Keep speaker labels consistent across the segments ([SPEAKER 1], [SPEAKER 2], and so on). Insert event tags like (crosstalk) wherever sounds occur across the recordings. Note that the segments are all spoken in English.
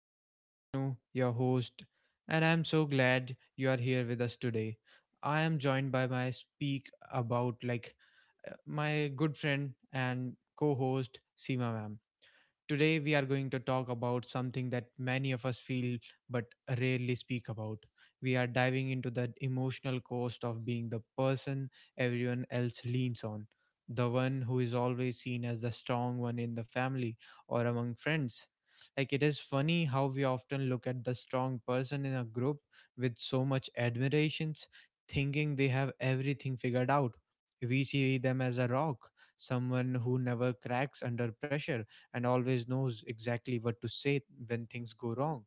[SPEAKER 1] I am Vishnu, your host, and I am so glad you are here with us today. I am joined by my speak about like my good friend and co-host Seema ma'am. Today, we are going to talk about something that many of us feel but rarely speak about. We are diving into the emotional cost of being the person everyone else leans on, the one who is always seen as the strong one in the family or among friends. Like, it is funny how we often look at the strong person in a group with so much admirations, thinking they have everything figured out. We see them as a rock, someone who never cracks under pressure and always knows exactly what to say when things go wrong.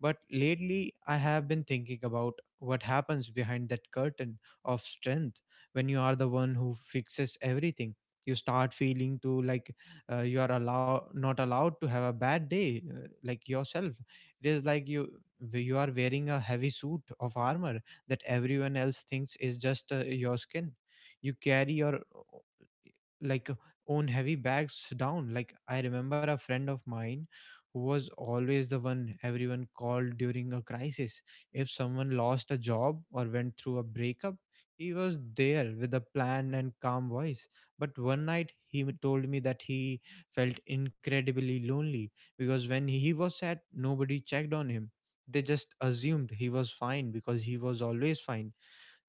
[SPEAKER 1] But lately, I have been thinking about what happens behind that curtain of strength when you are the one who fixes everything. You start feeling too like you are allow not allowed to have a bad day, like yourself. It is like you are wearing a heavy suit of armor that everyone else thinks is just your skin. You carry your like own heavy bags down. Like, I remember a friend of mine who was always the one everyone called during a crisis. If someone lost a job or went through a breakup, he was there with a plan and calm voice. But one night he told me that he felt incredibly lonely because when he was sad, nobody checked on him. They just assumed he was fine because he was always fine.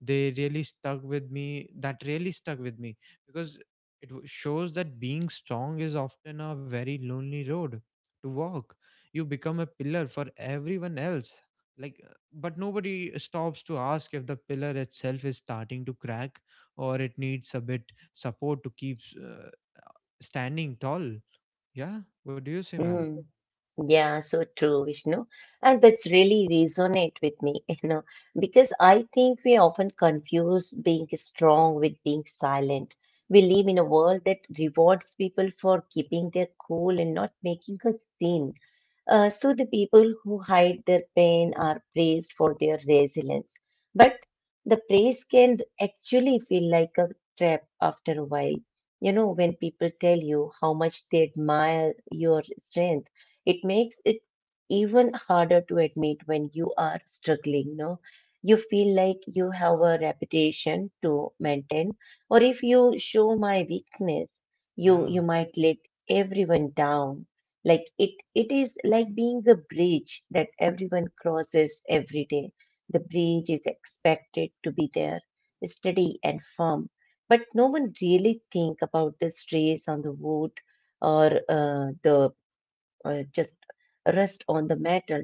[SPEAKER 1] They really stuck with me that really stuck with me because it shows that being strong is often a very lonely road to walk. You become a pillar for everyone else, but nobody stops to ask if the pillar itself is starting to crack or it needs a bit support to keep standing tall. Yeah, what do you say, ma'am?
[SPEAKER 2] Mm. Yeah, so true, Vishnu. And that's really resonate with me, (laughs) because I think we often confuse being strong with being silent. We live in a world that rewards people for keeping their cool and not making a scene. So the people who hide their pain are praised for their resilience. But the praise can actually feel like a trap after a while. You know, when people tell you how much they admire your strength, it makes it even harder to admit when you are struggling. No, you feel like you have a reputation to maintain, or if you show my weakness, you
[SPEAKER 1] Yeah.
[SPEAKER 2] might let everyone down. Like it is like being a bridge that everyone crosses every day. The bridge is expected to be there, steady and firm. But no one really think about the strays on the wood or the just rest on the metal.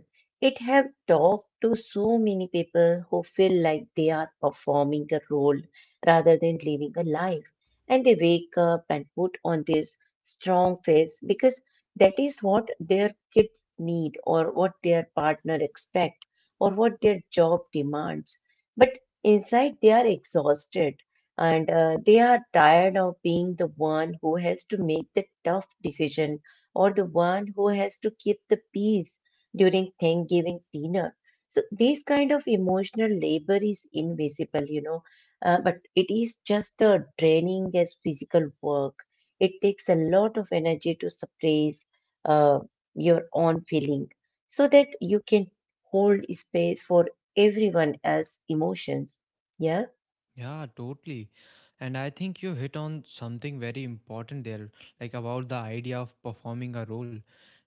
[SPEAKER 2] It have talked to so many people who feel like they are performing a role rather than living a life. And they wake up and put on this strong face because that is what their kids need or what their partner expect or what their job demands. But inside they are exhausted and they are tired of being the one who has to make the tough decision or the one who has to keep the peace during Thanksgiving dinner. So this kind of emotional labor is invisible, but it is just a draining as physical work. It takes a lot of energy to suppress uh, your own feeling so that you can hold space for everyone else's emotions. Yeah.
[SPEAKER 1] Yeah, totally. And I think you hit on something very important there, like about the idea of performing a role.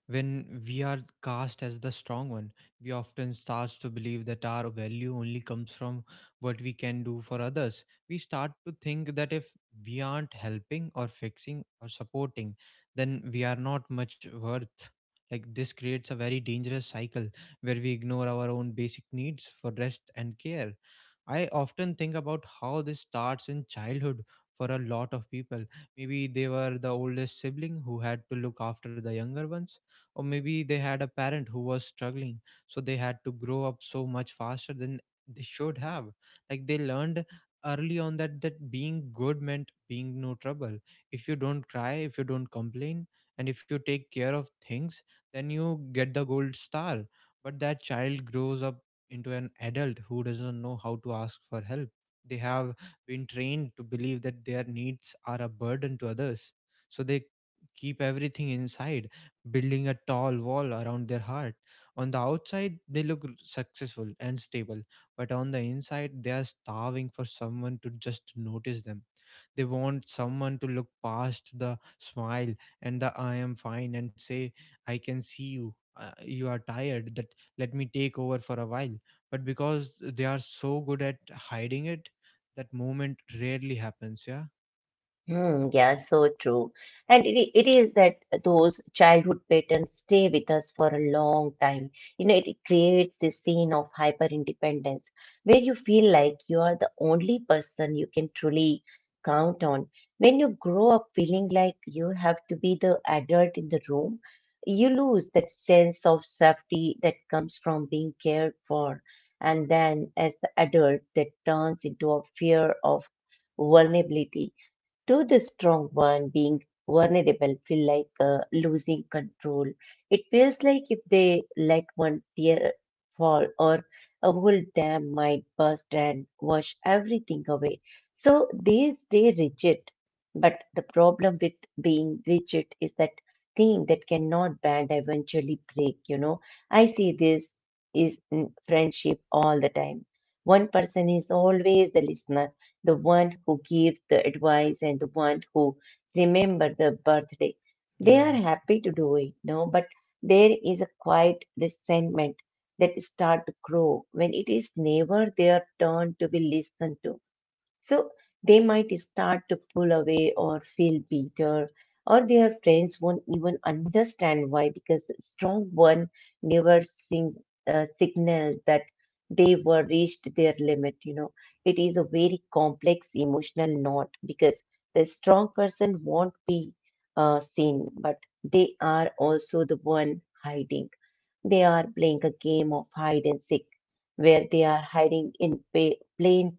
[SPEAKER 1] When we are cast as the strong one, we often start to believe that our value only comes from what we can do for others. We start to think that if we aren't helping or fixing or supporting, then we are not much worth. Like, this creates a very dangerous cycle where we ignore our own basic needs for rest and care. I often think about how this starts in childhood for a lot of people. Maybe they were the oldest sibling who had to look after the younger ones, or maybe they had a parent who was struggling, so they had to grow up so much faster than they should have. Like, they learned early on that being good meant being no trouble. If you don't cry, if you don't complain, and if you take care of things, then you get the gold star. But that child grows up into an adult who doesn't know how to ask for help. They have been trained to believe that their needs are a burden to others. So they keep everything inside, building a tall wall around their heart. On the outside, they look successful and stable, but on the inside, they are starving for someone to just notice them. They want someone to look past the smile and the I am fine and say, I can see you. You are tired, that let me take over for a while. But because they are so good at hiding it, that moment rarely happens.
[SPEAKER 2] Hmm, yeah, so true. And it is that those childhood patterns stay with us for a long time. You know, it creates this scene of hyper independence where you feel like you are the only person you can truly count on. When you grow up feeling like you have to be the adult in the room, you lose that sense of safety that comes from being cared for. And then as the adult, that turns into a fear of vulnerability. To the strong one, being vulnerable feel like losing control. It feels like if they let one tear fall or a whole dam might burst and wash everything away. So they stay rigid, but the problem with being rigid is that thing that cannot bend eventually break, you know. I see this is in friendship all the time. One person is always the listener, the one who gives the advice and the one who remember the birthday. They are
[SPEAKER 1] Yeah.
[SPEAKER 2] happy to do it, no, but there is a quiet resentment that start to grow when it is never their turn to be listened to, so they might start to pull away or feel bitter, or their friends won't even understand why because the strong one never signal that they were reached their limit. It is a very complex emotional knot because the strong person won't be seen, but they are also the one hiding. They are playing a game of hide and seek where they are hiding in plain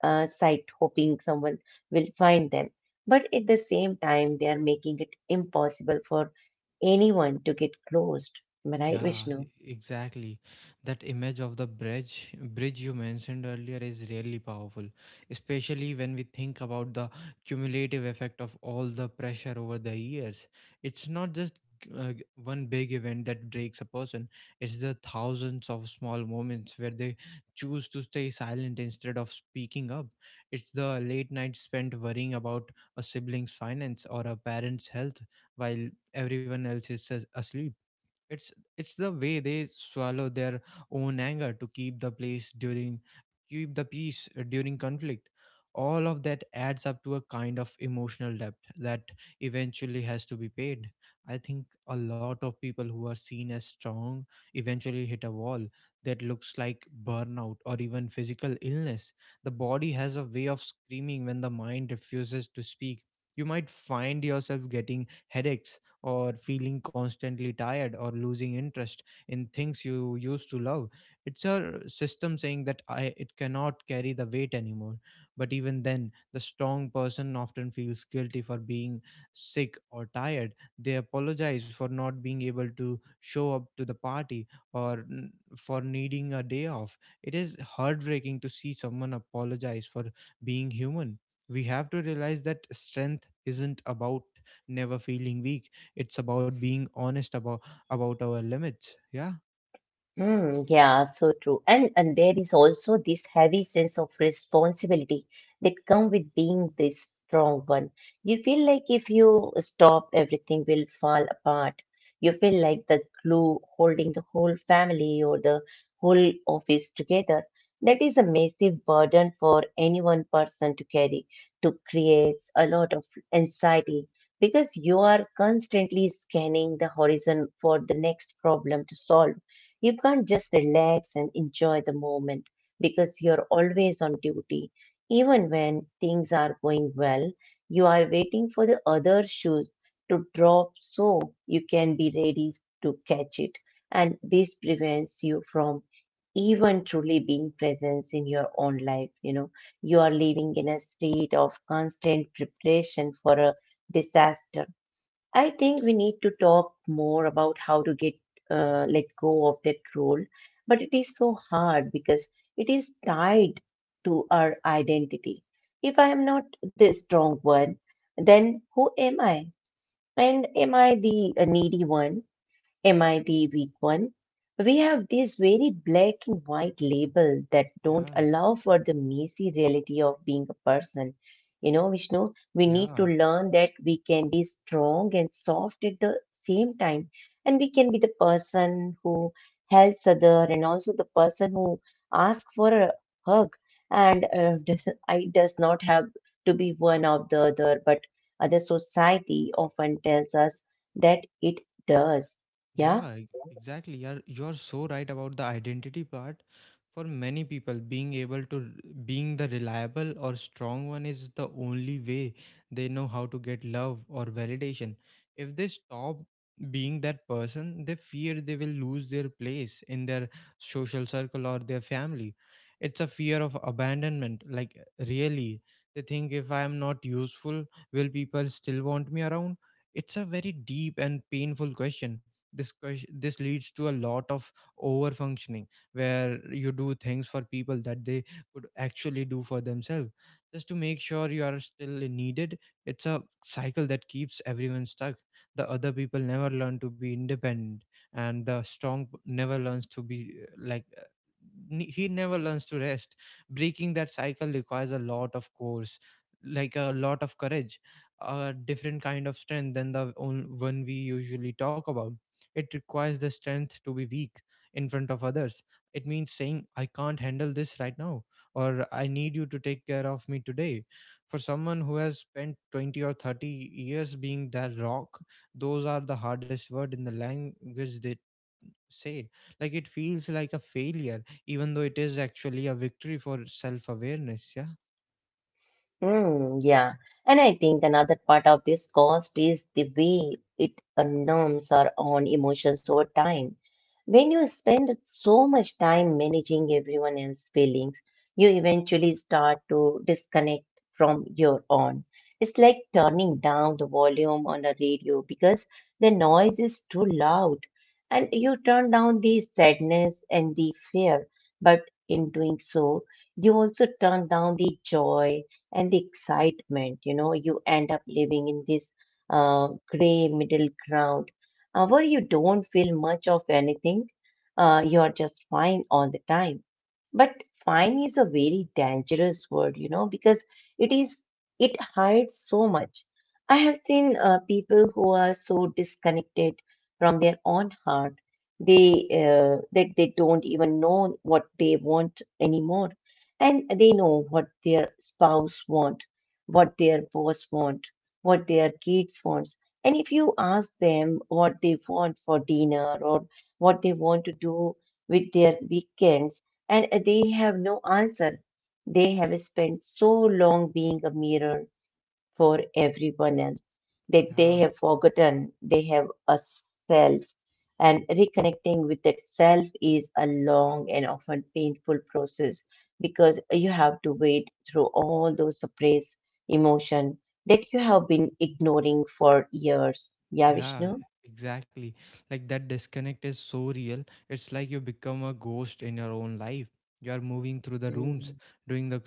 [SPEAKER 2] sight, hoping someone will find them, but at the same time they are making it impossible for anyone to get close. Am I right,
[SPEAKER 1] Yeah,
[SPEAKER 2] Vishnu?
[SPEAKER 1] exactly. That image of the bridge you mentioned earlier is really powerful, especially when we think about the cumulative effect of all the pressure over the years. It's not just one big event that breaks a person, it's the thousands of small moments where they choose to stay silent instead of speaking up. It's the late night spent worrying about a sibling's finance or a parent's health while everyone else is asleep. it's it's the way they swallow their own anger to keep the peace during conflict. All of that adds up to a kind of emotional debt that eventually has to be paid. I think a lot of people who are seen as strong eventually hit a wall that looks like burnout or even physical illness. The body has a way of screaming when the mind refuses to speak. You might find yourself getting headaches or feeling constantly tired or losing interest in things you used to love. It's a system saying that I, it cannot carry the weight anymore. But even then, the strong person often feels guilty for being sick or tired. They apologize for not being able to show up to the party or for needing a day off. It is heartbreaking to see someone apologize for being human. We have to realize that strength isn't about never feeling weak, it's about being honest about our limits. Yeah.
[SPEAKER 2] Mm, yeah, so true. And there is also this heavy sense of responsibility that come with being this strong one. You feel like if you stop, everything will fall apart. You feel like the glue holding the whole family or the whole office together. That is a massive burden for any one person to carry, to creates a lot of anxiety because you are constantly scanning the horizon for the next problem to solve. You can't just relax and enjoy the moment because you're always on duty. Even when things are going well, you are waiting for the other shoes to drop so you can be ready to catch it. And this prevents you from even truly being present in your own life. You know, you are living in a state of constant preparation for a disaster. I think we need to talk more about how to get let go of that role, but it is so hard because it is tied to our identity. If I am not the strong one, then who am I? And am I the needy one? Am I the weak one? We have these very black and white labels that don't
[SPEAKER 1] Yeah,
[SPEAKER 2] allow for the messy reality of being a person. You know, Vishnu, we need to
[SPEAKER 1] yeah.
[SPEAKER 2] learn that we can be strong and soft at the same time. And we can be the person who helps other and also the person who asks for a hug. And (laughs) I does not have to be one of the other, but other society often tells us that it does.
[SPEAKER 1] Yeah,
[SPEAKER 2] Yeah,
[SPEAKER 1] exactly. You're so right about the identity part. For many people, being able to being the reliable or strong one is the only way they know how to get love or validation. If they stop being that person, they fear they will lose their place in their social circle or their family. It's a fear of abandonment. Like, really, they think if I am not useful, will people still want me around? It's a very deep and painful question. This leads to a lot of over functioning where you do things for people that they could actually do for themselves just to make sure you are still needed. It's a cycle that keeps everyone stuck. The other people never learn to be independent, and the strong never learns to be he never learns to rest. Breaking that cycle requires a lot of courage, a different kind of strength than one we usually talk about. It requires the strength to be weak in front of others. It means saying, I can't handle this right now, or I need you to take care of me today. For someone who has spent 20 or 30 years being that rock, those are the hardest word in the language they say. Like, it feels like a failure, even though it is actually a victory for self awareness. Yeah.
[SPEAKER 2] mm, yeah. And I think another part of this cost is the way it numbs our own emotions over time. When you spend so much time managing everyone else's feelings, you eventually start to disconnect from your own. It's like turning down the volume on a radio because the noise is too loud. And you turn down the sadness and the fear, but in doing so, you also turn down the joy and the excitement. You know, you end up living in this uh, gray middle ground, where you don't feel much of anything. You are just fine all the time. But fine is a very dangerous word, because it is it hides so much. I have seen people who are so disconnected from their own heart. They That they don't even know what they want anymore, and they know what their spouse want, what their boss want, what their kids wants. And if you ask them what they want for dinner or what they want to do with their weekends, and they have no answer. They have spent so long being a mirror for everyone else, that they
[SPEAKER 1] Yeah.
[SPEAKER 2] have forgotten they have a self. And reconnecting with that self is a long and often painful process because you have to wade through all those suppressed emotion that you have been ignoring for years. Yeah,
[SPEAKER 1] Yeah,
[SPEAKER 2] Vishnu?
[SPEAKER 1] exactly. Like, that disconnect is so real. It's like you become a ghost in your own life. You are moving through the rooms,
[SPEAKER 2] Mm-hmm.
[SPEAKER 1] doing the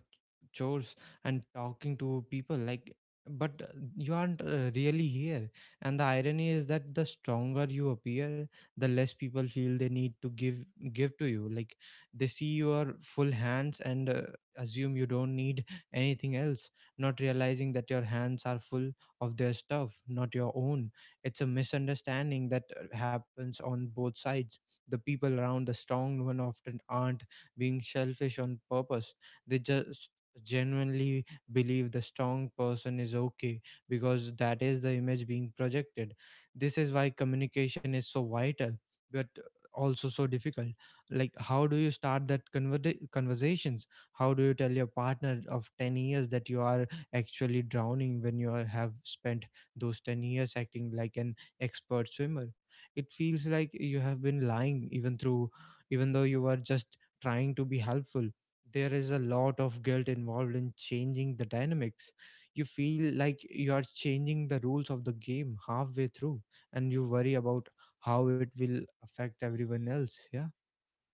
[SPEAKER 1] chores, and talking to people. Like, but you aren't really here. And the irony is that the stronger you appear, the less people feel they need to give to you. Like, they see your full hands and assume you don't need anything else, not realizing that your hands are full of their stuff, not your own. It's a misunderstanding that happens on both sides. The people around the strong one often aren't being selfish on purpose, they just genuinely believe the strong person is okay because that is the image being projected. This is why communication is so vital, but also so difficult. Like, how do you start that conversations? How do you tell your partner of 10 years that you are actually drowning when you have spent those 10 years acting like an expert swimmer? It feels like you have been lying even though you are just trying to be helpful. There is a lot of guilt involved in changing the dynamics. You feel like you are changing the rules of the game halfway through, and you worry about how it will affect everyone else. Yeah.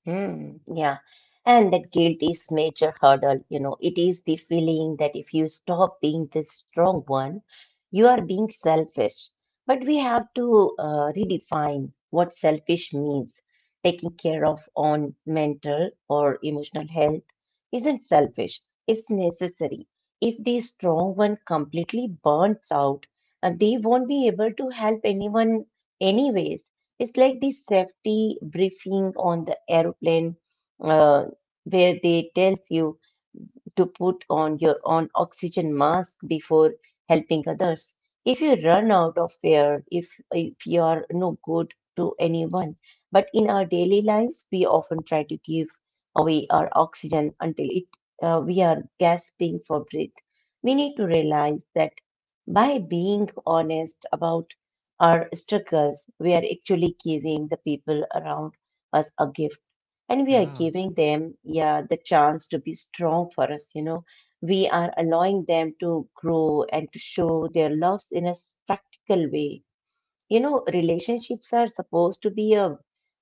[SPEAKER 2] Mm, yeah. And that guilt is major hurdle. You know, it is the feeling that if you stop being the strong one, you are being selfish. But we have to redefine what selfish means. Taking care of own mental or emotional health isn't selfish, it's necessary. If the strong one completely burns out, they won't be able to help anyone anyways. It's like the safety briefing on the aeroplane, uh, where they tells you to put on your own oxygen mask before helping others. If you run out of air, if you are no good to anyone, but in our daily lives, we often try to give away our oxygen until we are gasping for breath. We need to realize that by being honest about our struggles, we are actually giving the people around us a gift, and we are
[SPEAKER 1] Yeah.
[SPEAKER 2] giving them, yeah, the chance to be strong for us. We are allowing them to grow and to show their loves in a practical way. You know, relationships are supposed to be a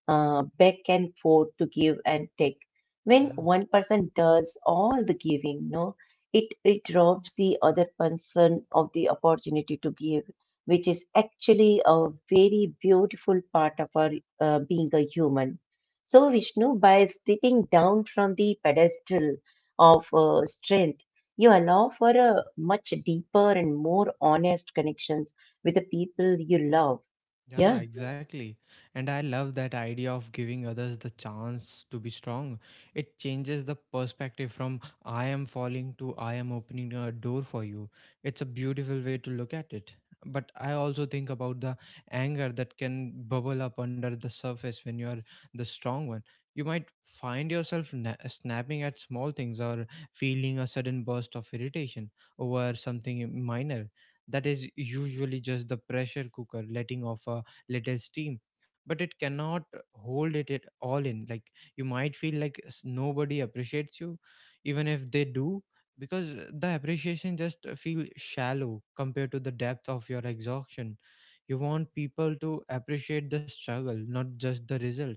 [SPEAKER 2] back and forth, to give and take. When
[SPEAKER 1] Yeah.
[SPEAKER 2] one person does all the giving, no, it robs the other person of the opportunity to give, which is actually a very beautiful part of our being a human. So Vishnu, by stepping down from the pedestal of strength, you allow for a much deeper and more honest connection with the people you love, yeah.
[SPEAKER 1] Yeah, exactly. And I love that idea of giving others the chance to be strong. It changes the perspective from I am falling to I am opening a door for you. It's a beautiful way to look at it. But I also think about the anger that can bubble up under the surface when you are the strong one. You might find yourself snapping at small things, or feeling a sudden burst of irritation over something minor. That is usually just the pressure cooker letting off a little steam, but it cannot hold it all in. Like, you might feel like nobody appreciates you, even if they do, because the appreciation just feel shallow compared to the depth of your exhaustion. You want people to appreciate the struggle, not just the result.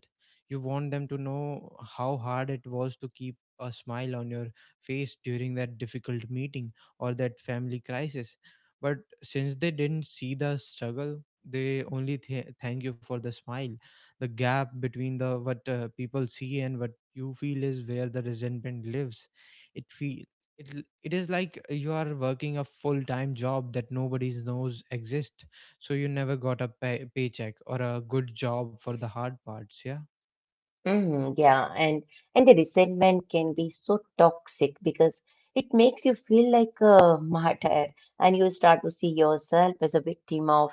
[SPEAKER 1] You want them to know how hard it was to keep a smile on your face during that difficult meeting, or that family crisis. But since they didn't see the struggle, they only thank you for the smile. The gap between the what people see and what you feel is where the resentment lives. It feel it, l- it is like you are working a full-time job that nobody knows exist, so you never got a paycheck or a good job for the hard parts, yeah.
[SPEAKER 2] Mm, yeah. And the resentment can be so toxic because it makes you feel like a martyr and you start to see yourself as a victim of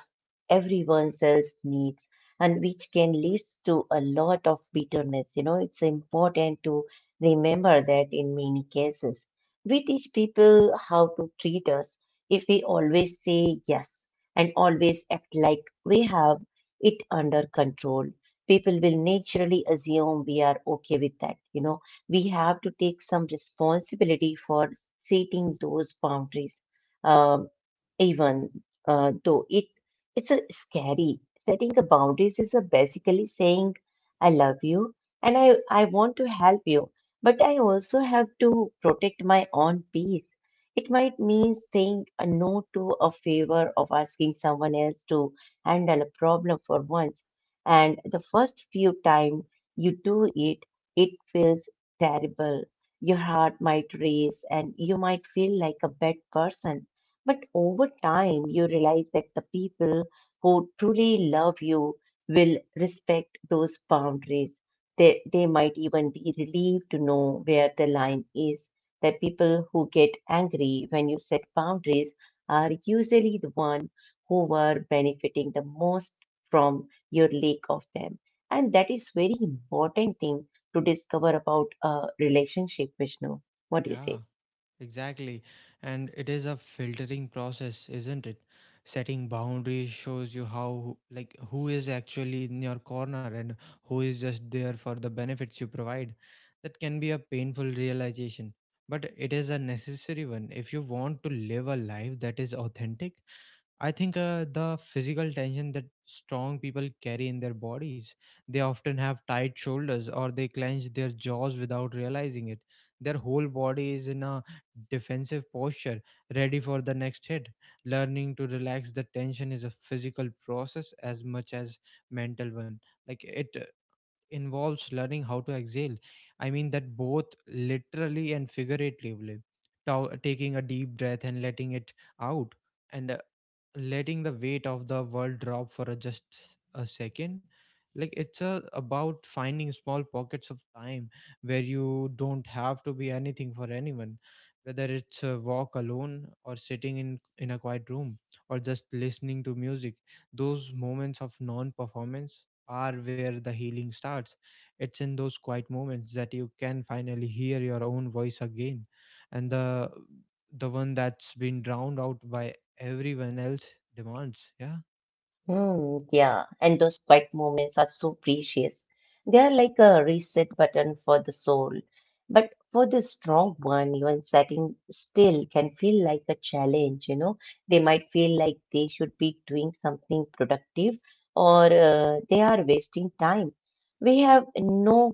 [SPEAKER 2] everyone else's needs, and which can lead to a lot of bitterness. You know, it's important to remember that in many cases. We teach people how to treat us if we always say yes and always act like we have it under control. People will naturally assume we are okay with that. You know, we have to take some responsibility for setting those boundaries. Um, even though it's a scary. Setting the boundaries is a basically saying I love you and I want to help you, but I also have to protect my own peace. It might mean saying a no to a favor of asking someone else to handle a problem for once. And the first few times you do it, it feels terrible. Your heart might race and you might feel like a bad person. But over time, you realize that the people who truly love you will respect those boundaries. They might even be relieved to know where the line is. The people who get angry when you set boundaries are usually the one who were benefiting the most from your lack of them. And that is very important thing to discover about a relationship, Vishnu. What do you
[SPEAKER 1] Yeah.
[SPEAKER 2] say?
[SPEAKER 1] Exactly. And it is a filtering process, isn't it? Setting boundaries shows you how, like, who is actually in your corner, and who is just there for the benefits you provide. That can be a painful realization, but it is a necessary one if you want to live a life that is authentic. I think the physical tension that strong people carry in their bodies, they often have tight shoulders, or they clench their jaws without realizing it. Their whole body is in a defensive posture, ready for the next hit. Learning to relax the tension is a physical process as much as mental one. Like, it involves learning how to exhale. I mean that both literally and figuratively. Taking a deep breath and letting it out, and letting the weight of the world drop for a just a second. Like, it's about finding small pockets of time where you don't have to be anything for anyone, whether it's a walk alone, or sitting in a quiet room, or just listening to music. Those moments of non performance are where the healing starts. It's in those quiet moments that you can finally hear your own voice again, and the one that's been drowned out by everyone else demands. Yeah.
[SPEAKER 2] Hmm, yeah, and those quiet moments are so precious. They are like a reset button for the soul. But for the strong one, even sitting still can feel like a challenge, you know. They might feel like they should be doing something productive or they are wasting time. We have no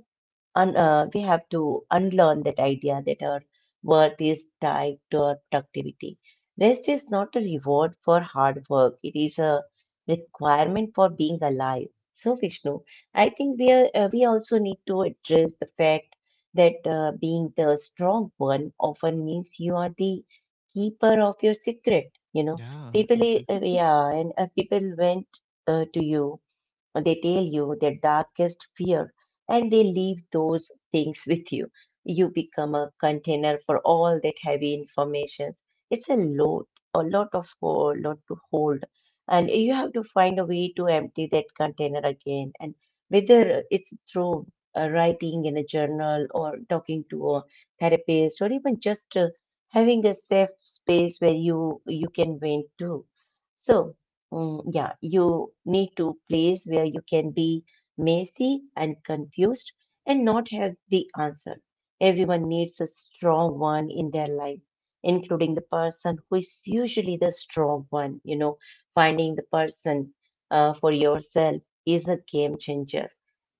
[SPEAKER 2] we have to unlearn that idea that our worth is tied to our productivity. Rest is not a reward for hard work, it is a requirement for being alive. So, Vishnu, I think we, are, we also need to address the fact that being the strong one often means you are the keeper of your secret. You know,
[SPEAKER 1] Yeah,
[SPEAKER 2] people,
[SPEAKER 1] exactly.
[SPEAKER 2] yeah, and people went to you, they tell you their darkest fear and they leave those things with you. You become a container for all that heavy information. It's a load, a lot of a lot to hold. And you have to find a way to empty that container again. And whether it's through writing in a journal or talking to a therapist or even just having a safe space where you can vent to. So mm, yeah, you need to place where you can be messy and confused and not have the answer. Everyone needs a strong one in their life, including the person who is usually the strong one. You know, finding the person for yourself is a game changer.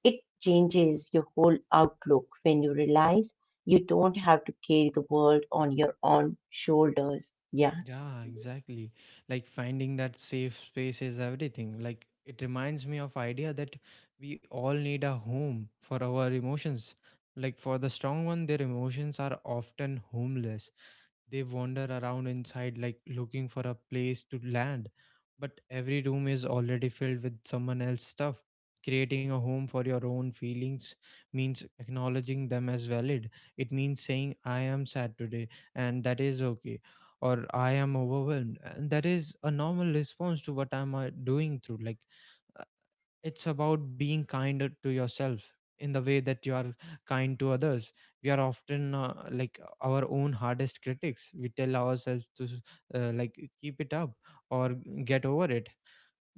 [SPEAKER 2] It changes your whole outlook when you realize you don't have to carry the world on your own shoulders. Yeah.
[SPEAKER 1] Yeah, exactly. Like, finding that safe space is everything. Like, it reminds me of idea that we all need a home for our emotions. Like, for the strong one, their emotions are often homeless. They wander around inside, like looking for a place to land, but every room is already filled with someone else's stuff. Creating a home for your own feelings means acknowledging them as valid. It means saying, I am sad today, and that is okay, or I am overwhelmed, and that is a normal response to what I'm doing through. Like, it's about being kind to yourself in the way that you are kind to others. We are often like our own hardest critics. We tell ourselves to like keep it up, or get over it,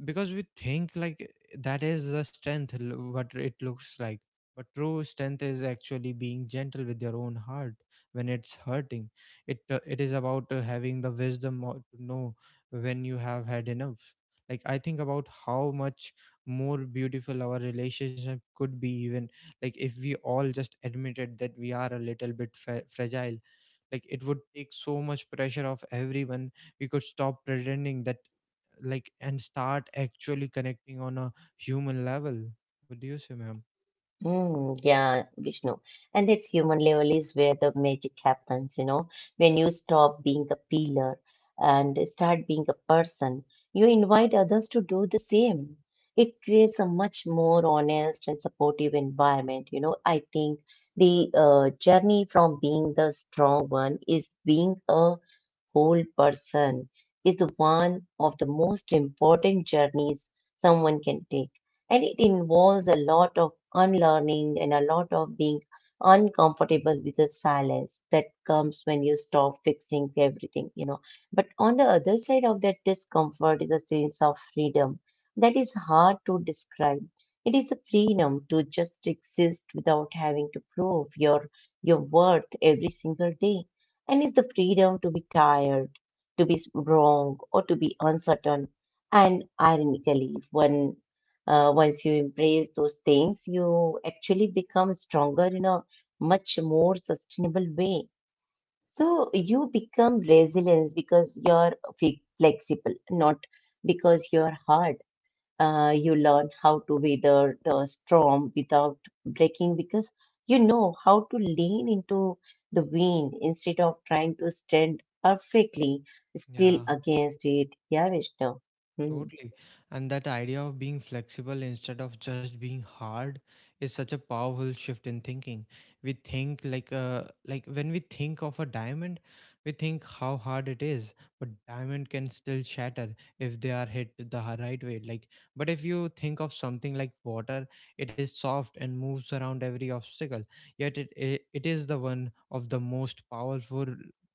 [SPEAKER 1] because we think like that is the what it looks like. But true strength is actually being gentle with your own heart when it's hurting. It is about having the wisdom or to know when you have had enough. Like, I think about how much more beautiful our relationship could be, even like if we all just admitted that we are a little bit fragile. Like, it would take so much pressure off everyone. We could stop pretending that, like, and start actually connecting on a human level. What do you say, ma'am?
[SPEAKER 2] Mm, yeah, Vishnu. And that human level is where the magic happens, you know. When you stop being a pillar and start being a person, you invite others to do the same. It creates a much more honest and supportive environment. You know, I think the journey from being the strong one is being a whole person is one of the most important journeys someone can take. And it involves a lot of unlearning and a lot of being uncomfortable with the silence that comes when you stop fixing everything, you know. But on the other side of that discomfort is a sense of freedom that is hard to describe. It is a freedom to just exist without having to prove your worth every single day and is the freedom to be tired, to be wrong, or to be uncertain. And ironically, when once you embrace those things, you actually become stronger in a much more sustainable way. So you become resilient because you're flexible, not because you're hard. Uh, you learn how to weather the storm without breaking because you know how to lean into the wind instead of trying to stand perfectly still
[SPEAKER 1] Yeah.
[SPEAKER 2] against it. Yeah, Vishnu. Hmm.
[SPEAKER 1] Totally. And that idea of being flexible instead of just being hard is such a powerful shift in thinking. We think like, like, when we think of a diamond, we think how hard it is, but diamond can still shatter if they are hit right way. Like, but if you think of something like water, it is soft and moves around every obstacle. Yet it is the one of the most powerful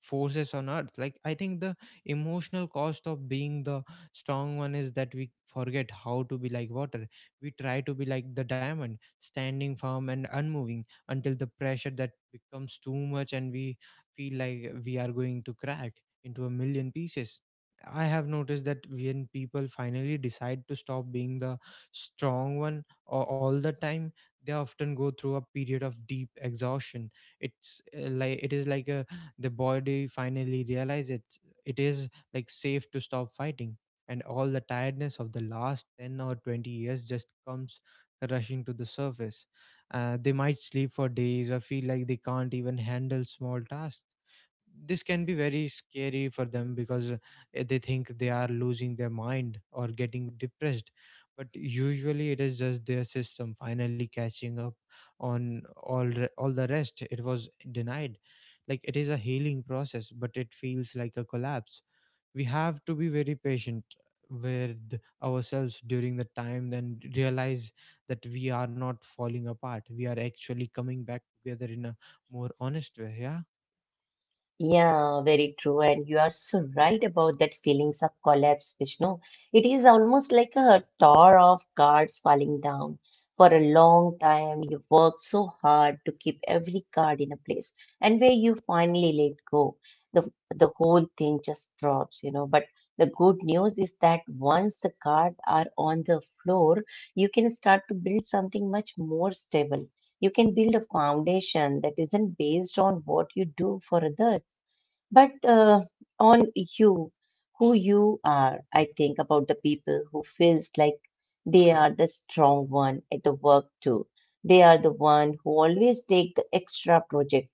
[SPEAKER 1] forces on earth. Like, I think the emotional cost of being the strong one is that we forget how to be like water. We try to be like the diamond, standing firm and unmoving, until the pressure that becomes too much and we feel like we are going to crack into a million pieces. I have noticed that when people finally decide to stop being the strong one all the time, they often go through a period of deep exhaustion. It's like it is like, the body finally realizes it is like safe to stop fighting, and all the tiredness of the last 10 or 20 years just comes rushing to the surface. They might sleep for days, or feel like they can't even handle small tasks. This can be very scary for them, because they think they are losing their mind or getting depressed. But usually, it is just their system finally catching up on all the rest it was denied. Like, it is a healing process, but it feels like a collapse. We have to be very patient with ourselves during the time, then realize that we are not falling apart, we are actually coming back together in a more honest way, yeah.
[SPEAKER 2] Yeah, very true. And you are so right about that feelings of collapse, Vishnu. It is almost like a tower of cards falling down. For a long time, you worked so hard to keep every card in a place, and where you finally let go, the whole thing just drops, you know. But the good news is that once the cards are on the floor, you can start to build something much more stable. You can build a foundation that isn't based on what you do for others, but on you, who you are. I think about the people who feels like they are the strong one at the work too. They are the one who always take the extra project,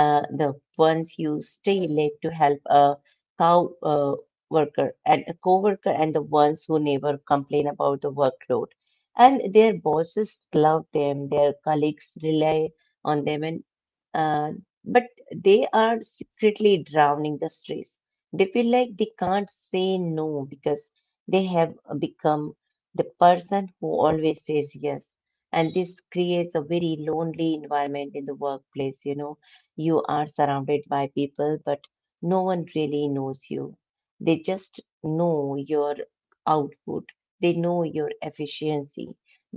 [SPEAKER 2] the ones you stay late to help a cow worker and a co-worker and the ones who never complain about the workload. And their bosses love them, their colleagues rely on them, and uh, but they are secretly drowning the stress. They feel like they can't say no because they have become the person who always says yes. And this creates a very lonely environment in the workplace, you know, you are surrounded by people, but no one really knows you. They just know your output, they know your efficiency,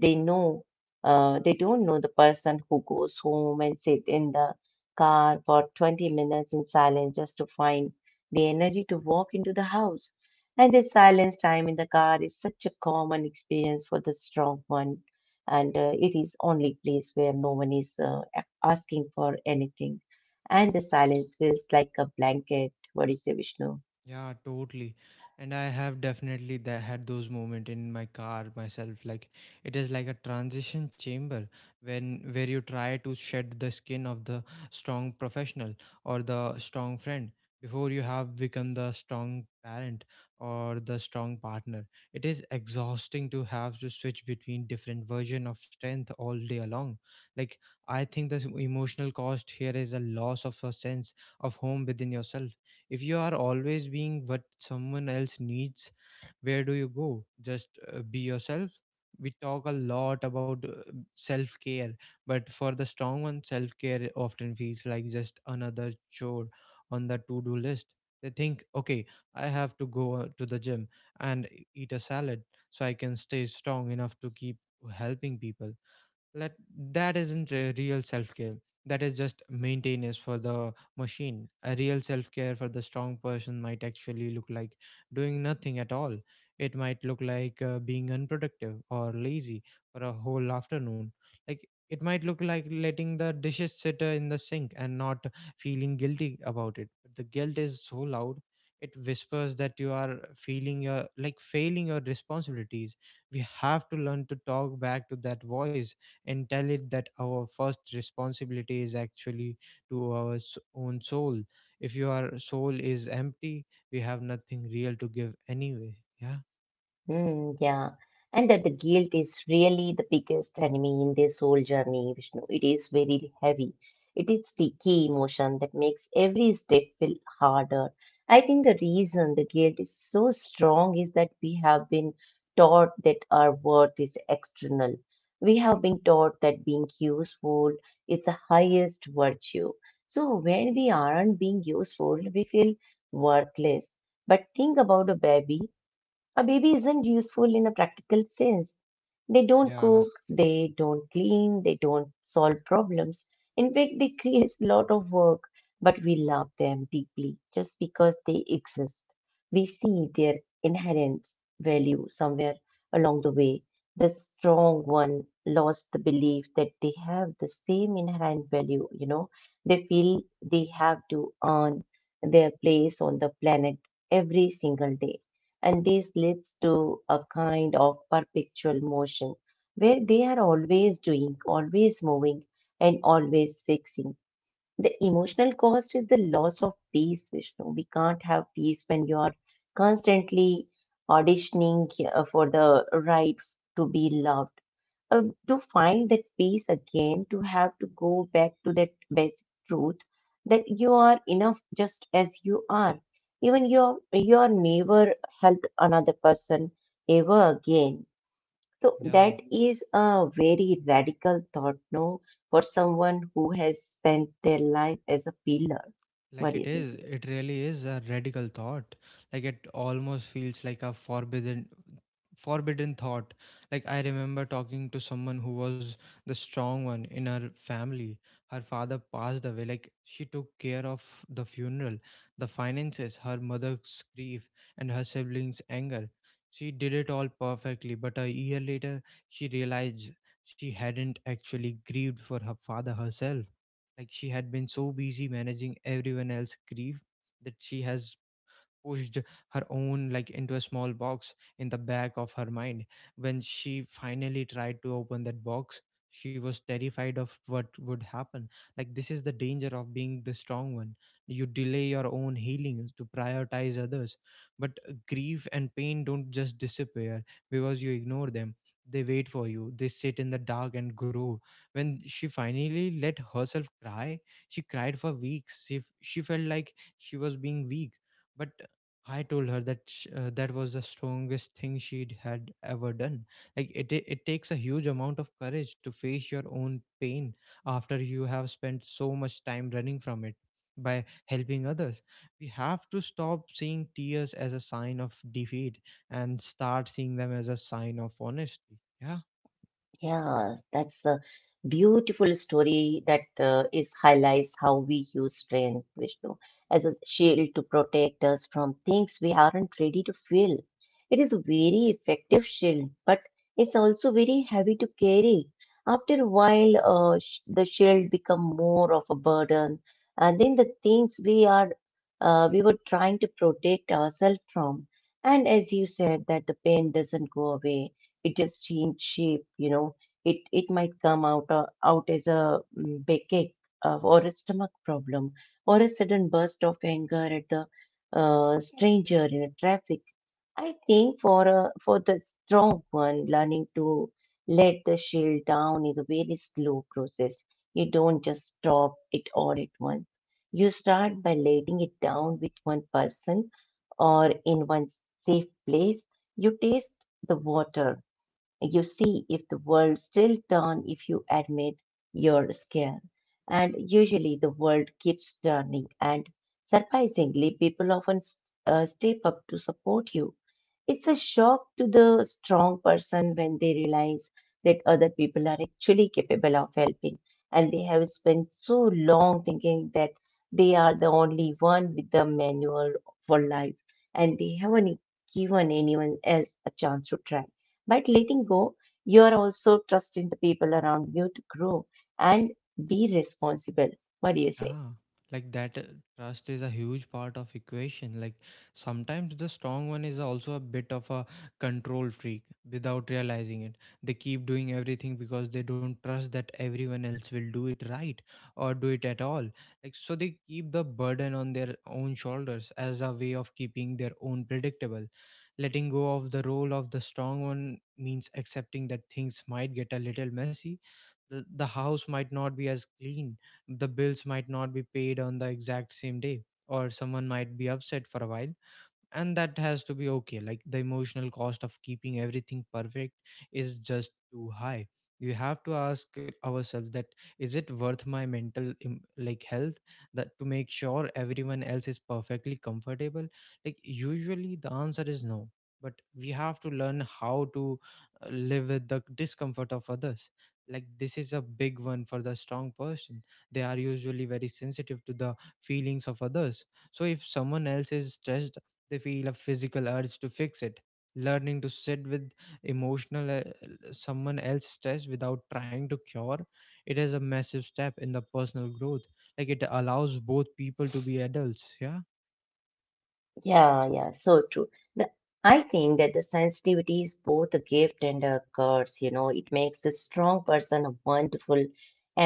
[SPEAKER 2] they know. They don't know the person who goes home and sit in the car for 20 minutes in silence just to find the energy to walk into the house. And this silence time in the car is such a common experience for the strong one, and it is only place where no one is asking for anything and the silence feels like a blanket. What do you say, Vishnu?
[SPEAKER 1] Yeah, totally. And I have definitely had those moments in my car myself. Like, it is like a transition chamber, when where you try to shed the skin of the strong professional, or the strong friend, before you have become the strong parent or the strong partner. It is exhausting to have to switch between different version of strength all day long. Like, I think the emotional cost here is a loss of a sense of home within yourself. If you are always being what someone else needs, where do you go just be yourself? We talk a lot about self care, but for the strong one self care often feels like just another chore on the to do list. They think, okay, I have to go to the gym and eat a salad, so I can stay strong enough to keep helping people. Let, that isn't a real self-care, that is just maintenance for the machine. A real self-care for the strong person might actually look like doing nothing at all. It might look like being unproductive or lazy for a whole afternoon. Like, it might look like letting the dishes sit in the sink and not feeling guilty about it. But the guilt is so loud. It whispers that you are feeling your like failing your responsibilities. We have to learn to talk back to that voice, and tell it that our first responsibility is actually to our own soul. If your soul is empty, we have nothing real to give anyway. Yeah.
[SPEAKER 2] Mm, yeah, and that the guilt is really the biggest enemy in this whole journey, Vishnu. It is very heavy. It is the key emotion that makes every step feel harder. I think the reason the guilt is so strong is that we have been taught that our worth is external. We have been taught that being useful is the highest virtue. So when we aren't being useful, we feel worthless. But think about a baby. A baby isn't useful in a practical sense. They don't
[SPEAKER 1] Yeah,
[SPEAKER 2] cook, they don't clean, they don't solve problems. In fact, they create a lot of work, but we love them deeply just because they exist. We see their inherent value somewhere along the way. The strong one lost the belief that they have the same inherent value, you know. They feel they have to earn their place on the planet every single day and this leads to a kind of perpetual motion where they are always doing, always moving, and always fixing. The emotional cost is the loss of peace, Vishnu. We can't have peace when you are constantly auditioning for the right to be loved. Um, to find that peace again, to have to go back to that basic truth that you are enough just as you are. Even your neighbor help another person ever again. So
[SPEAKER 1] yeah.
[SPEAKER 2] that is a very radical thought, no, for someone who has spent their life as a pillar. What
[SPEAKER 1] Like,
[SPEAKER 2] do
[SPEAKER 1] it
[SPEAKER 2] you say?
[SPEAKER 1] is, it really is a radical thought. Like, it almost feels like a forbidden thought. Like, I remember talking to someone who was the strong one in her family. Her father passed away. Like, she took care of the funeral, the finances, her mother's grief, and her siblings' anger. She did it all perfectly, but a year later she realized she hadn't actually grieved for her father herself. Like, she had been so busy managing everyone else's grief that she has pushed her own, like, into a small box in the back of her mind. When she finally tried to open that box, she was terrified of what would happen. Like, this is the danger of being the strong one. You delay your own healing to prioritize others. But grief and pain don't just disappear because you ignore them. They wait for you, they sit in the dark and grow. When she finally let herself cry, she cried for weeks. She felt like she was being weak. But I told her that that was the strongest thing she'd had ever done. Like, it takes a huge amount of courage to face your own pain after you have spent so much time running from it. By helping others, we have to stop seeing tears as a sign of defeat, and start seeing them as a sign of honesty. Yeah.
[SPEAKER 2] Yeah, that's a beautiful story that is highlights how we use strength, Vishnu, as a shield to protect us from things we aren't ready to feel. It is a very effective shield, but it's also very heavy to carry. After a while, the shield become more of a burden, and then the things we are we were trying to protect ourselves from. And as you said, that the pain doesn't go away; it just change shape, you know, it might come out out as a mm, big ache or a stomach problem or a sudden burst of anger at the stranger in a traffic. I think for a for the strong one, learning to let the shield down is a very slow process. You don't just stop it all at once. You start by letting it down with one person or in one safe place. You taste the water, you see if the world still turn if you admit your scare. And usually the world keeps turning and surprisingly people often step up to support you. It's a shock to the strong person when they realize that other people are actually capable of helping and they have spent so long thinking that they are the only one with the manual for life and they haven't given anyone else a chance to try. But letting go, you are also trusting the people around you to grow and be responsible. What do you say?
[SPEAKER 1] Yeah, like that trust is a huge part of equation. Like, sometimes the strong one is also a bit of a control freak without realizing it. They keep doing everything because they don't trust that everyone else will do it right, or do it at all. Like, so they keep the burden on their own shoulders as a way of keeping their own predictable. Letting go of the role of the strong one means accepting that things might get a little messy. The house might not be as clean, the bills might not be paid on the exact same day, or someone might be upset for a while, and that has to be okay. Like, the emotional cost of keeping everything perfect is just too high. You have to ask ourselves that, is it worth my mental like health, that to make sure everyone else is perfectly comfortable? Like, usually the answer is no. But we have to learn how to live with the discomfort of others. Like, this is a big one for the strong person. They are usually very sensitive to the feelings of others, so if someone else is stressed, they feel a physical urge to fix it. Learning to sit with emotional someone else's stress without trying to cure it is a massive step in the personal growth. Like it allows both people to be adults. Yeah.
[SPEAKER 2] Yeah, yeah, so true. The, I think that the sensitivity is both a gift and a curse. You know, it makes a strong person a wonderful,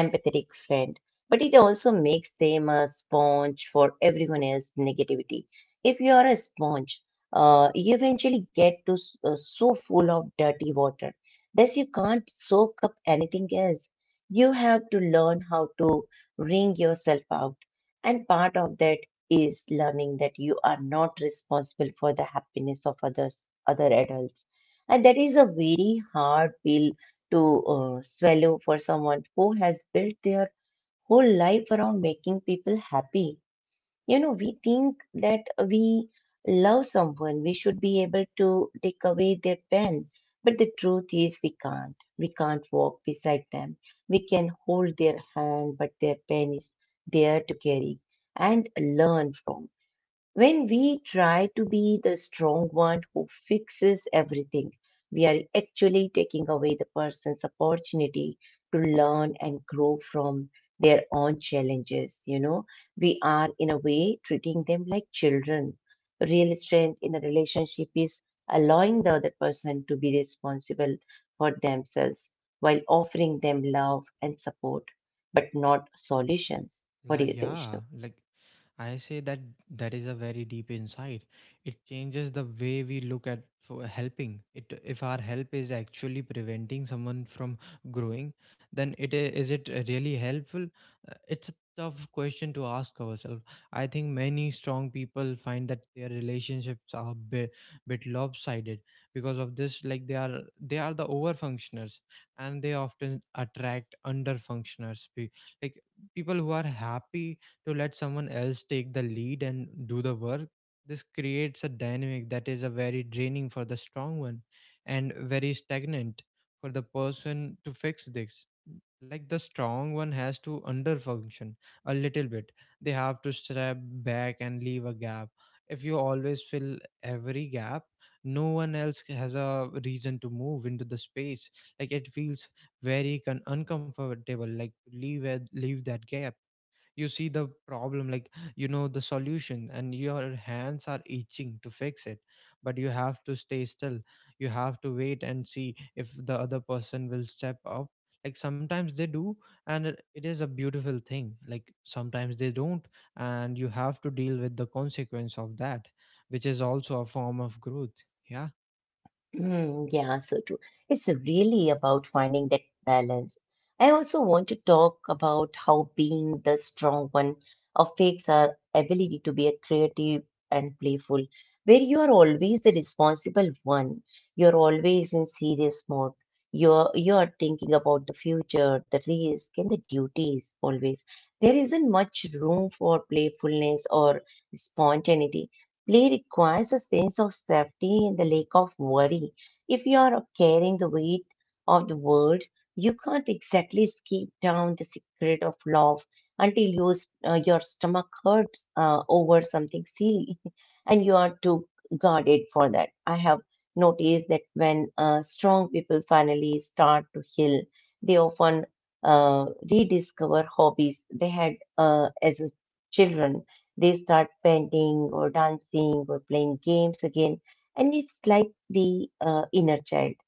[SPEAKER 2] empathetic friend, but it also makes them a sponge for everyone else's negativity. If you are a sponge, you eventually get to so full of dirty water. Plus, you can't soak up anything else. You have to learn how to wring yourself out. And part of that is learning that you are not responsible for the happiness of others, other adults. And that is a very hard pill to swallow for someone who has built their whole life around making people happy. You know, we think that we love someone, we should be able to take away their pen. But the truth is, we can't. We can't walk beside them. We can hold their hand, but their pen is there to carry and learn from. When we try to be the strong one who fixes everything, we are actually taking away the person's opportunity to learn and grow from their own challenges. You know, we are in a way treating them like children. Real strength in a relationship is allowing the other person to be responsible for themselves while offering them love and support, but not solutions. What do
[SPEAKER 1] Like,
[SPEAKER 2] you say,
[SPEAKER 1] yeah,
[SPEAKER 2] Vishnu?
[SPEAKER 1] like I say that that is a very deep insight. It changes the way we look at for helping. It if our help is actually preventing someone from growing, then is it really helpful? It's a tough question to ask ourselves. I think many strong people find that their relationships are a bit lopsided because of this. Like they are the over functioners, and they often attract under functioners. Like people who are happy to let someone else take the lead and do the work. This creates a dynamic that is a very draining for the strong one and very stagnant for the person. To fix this, like the strong one has to underfunction a little bit. They have to step back and leave a gap. If you always fill every gap, no one else has a reason to move into the space. Like it feels very uncomfortable, like to leave that gap. You see the problem, like you know the solution and your hands are itching to fix it, but you have to stay still. You have to wait and see if the other person will step up. Like sometimes they do, and it is a beautiful thing. Like sometimes they don't, and you have to deal with the consequence of that, which is also a form of growth. Yeah.
[SPEAKER 2] Mm, yeah, so true. It's really about finding that balance. I also want to talk about how being the strong one affects our ability to be a creative and playful, where you are always the responsible one. You're always in serious mode. You are thinking about the future, the risk, and the duties always. There isn't much room for playfulness or spontaneity. Play requires a sense of safety and the lack of worry. If you are carrying the weight of the world, you can't exactly skip down the secret of love until your stomach hurts over something silly, (laughs) and you are too guarded for that. I have noticed that when strong people finally start to heal, they often rediscover hobbies they had as a children. They start painting or dancing or playing games again, and it's like the inner child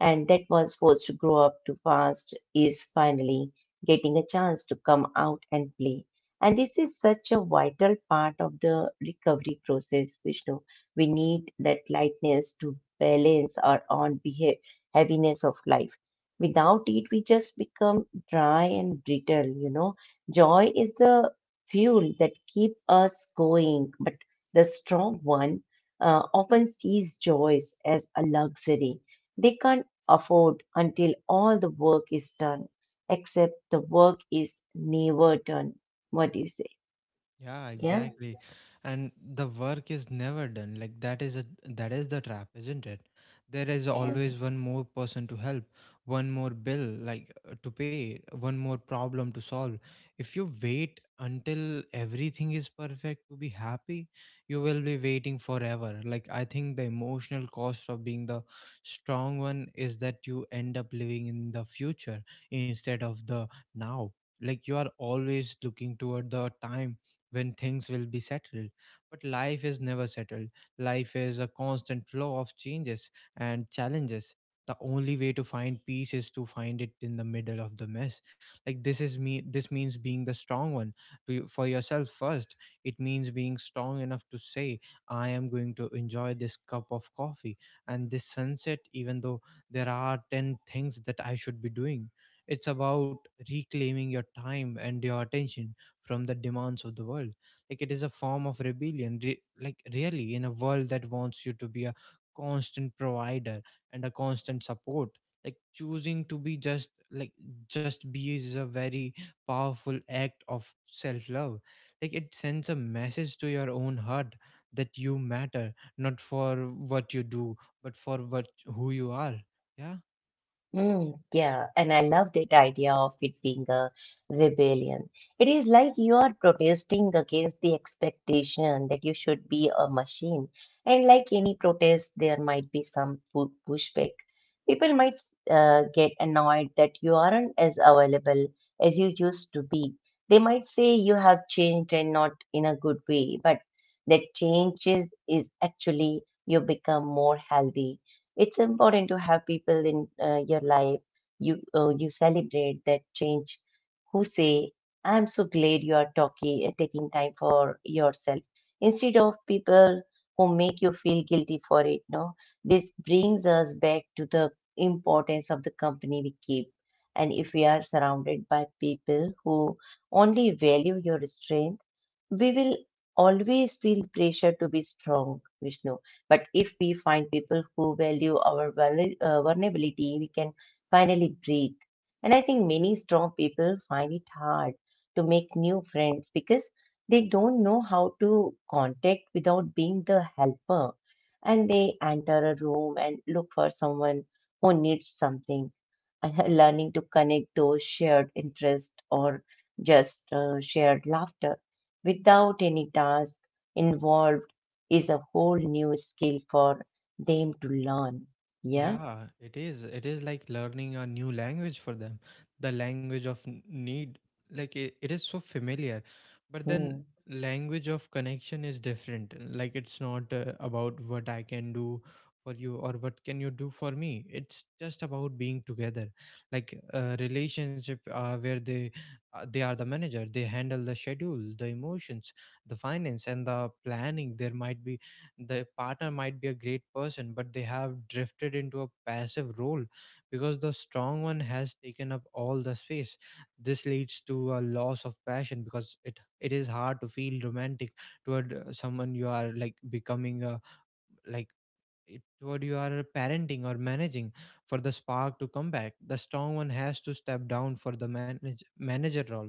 [SPEAKER 2] and that was forced to grow up too fast is finally getting a chance to come out and play. And this is such a vital part of the recovery process, Vishnu. We need that lightness to balance our own behav heaviness of life. Without it we just become dry and brittle, you know. Joy is the fuel that keep us going. But the strong one often sees joys as a luxury they can't afford until all the work is done, except the work is never done. What do you say?
[SPEAKER 1] Yeah,
[SPEAKER 2] Yeah.
[SPEAKER 1] exactly. And the work is never done. Like that is the trap, isn't it? There is
[SPEAKER 2] Yeah.
[SPEAKER 1] always one more person to help, one more bill to pay, one more problem to solve. If you wait until everything is perfect to be happy, you will be waiting forever. Like I think the emotional cost of being the strong one is that you end up living in the future instead of the now. Like you are always looking toward the time when things will be settled. But life is never settled. Life is a constant flow of changes and challenges. The only way to find peace is to find it in the middle of the mess. Like this is me. This means being the strong one to you, for yourself first. It means being strong enough to say, "I am going to enjoy this cup of coffee and this sunset, even though there are 10 things that I should be doing." It's about reclaiming your time and your attention from the demands of the world. Like it is a form of rebellion, like really, in a world that wants you to be a constant provider and a constant support, like choosing to be just like just be is a very powerful act of self love. Like it sends a message to your own heart that you matter, not for what you do, but for what who you are. Yeah.
[SPEAKER 2] Mm, yeah, and I love that idea of it being a rebellion. It is like you are protesting against the expectation that you should be a machine. And like any protest, there might be some pushback. People might get annoyed that you aren't as available as you used to be. They might say you have changed and not in a good way, but that changes is actually you become more healthy. It's important to have people in your life you celebrate that change, who say I'm so glad you are talking taking time for yourself, instead of people who make you feel guilty for it. No, this brings us back to the importance of the company we keep. And if we are surrounded by people who only value your strength, we will always feel pressure to be strong, Vishnu. But if we find people who value our vulnerability, we can finally breathe. And I think many strong people find it hard to make new friends because they don't know how to contact without being the helper. And they enter a room and look for someone who needs something. Learning to connect those shared interests or just shared laughter without any task involved is a whole new skill for them to learn. Yeah.
[SPEAKER 1] Yeah, it is. It is like learning a new language for them, the language of need. Like it is so familiar, but
[SPEAKER 2] Hmm.
[SPEAKER 1] then language of connection is different. Like it's not about what I can do for you or what can you do for me. It's just about being together. Like a relationship where they are the manager, they handle the schedule, the emotions, the finance, and the planning. There might be the partner might be a great person, but they have drifted into a passive role because the strong one has taken up all the space. This leads to a loss of passion because it is hard to feel romantic toward someone you are like becoming a like, it what you are parenting or managing. For the spark to come back, the strong one has to step down for the manager role,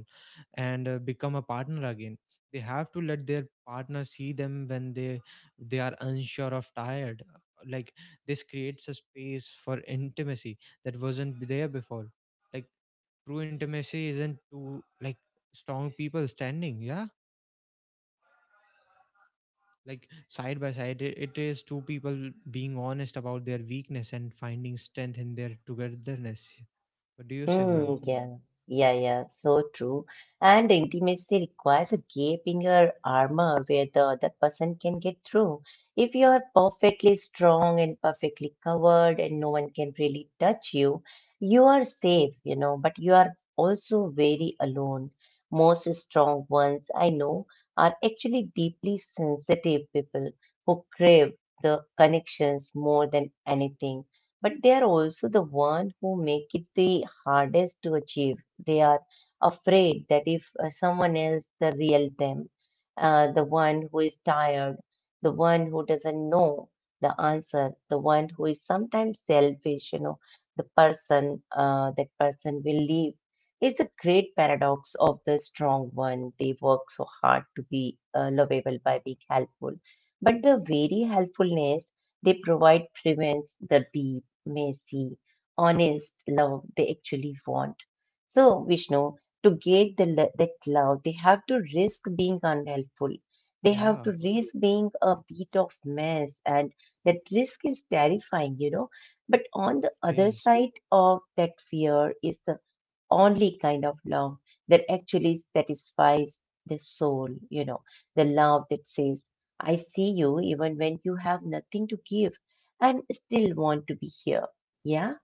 [SPEAKER 1] and become a partner again. They have to let their partner see them when they are unsure of tired. Like this creates a space for intimacy that wasn't there before. Like true intimacy isn't to like strong people standing, yeah, like side by side. It is two people being honest about their weakness and finding strength in their togetherness. What do you say, ma'am?
[SPEAKER 2] Mm, yeah, yeah, yeah, so true. And intimacy requires a gap in your armor where the other person can get through. If you are perfectly strong and perfectly covered and no one can really touch you, you are safe, you know, but you are also very alone. Most strong ones I know are actually deeply sensitive people who crave the connections more than anything, but they are also the one who make it the hardest to achieve. They are afraid that if someone else, the real them, the one who is tired, the one who doesn't know the answer, the one who is sometimes selfish, you know, the person, that person will leave. It's a great paradox of the strong one. They work so hard to be lovable by being helpful, but the very helpfulness they provide prevents the deep, messy, honest love they actually want. So, Vishnu, to get that love, they have to risk being unhelpful. They have
[SPEAKER 1] Yeah,
[SPEAKER 2] to risk being a bit of mess, and that risk is terrifying, you know. But on the
[SPEAKER 1] it
[SPEAKER 2] other
[SPEAKER 1] is.
[SPEAKER 2] side of that fear is the only kind of love that actually satisfies the soul, you know, the love that says, I see you even when you have nothing to give and still want to be here. Yeah,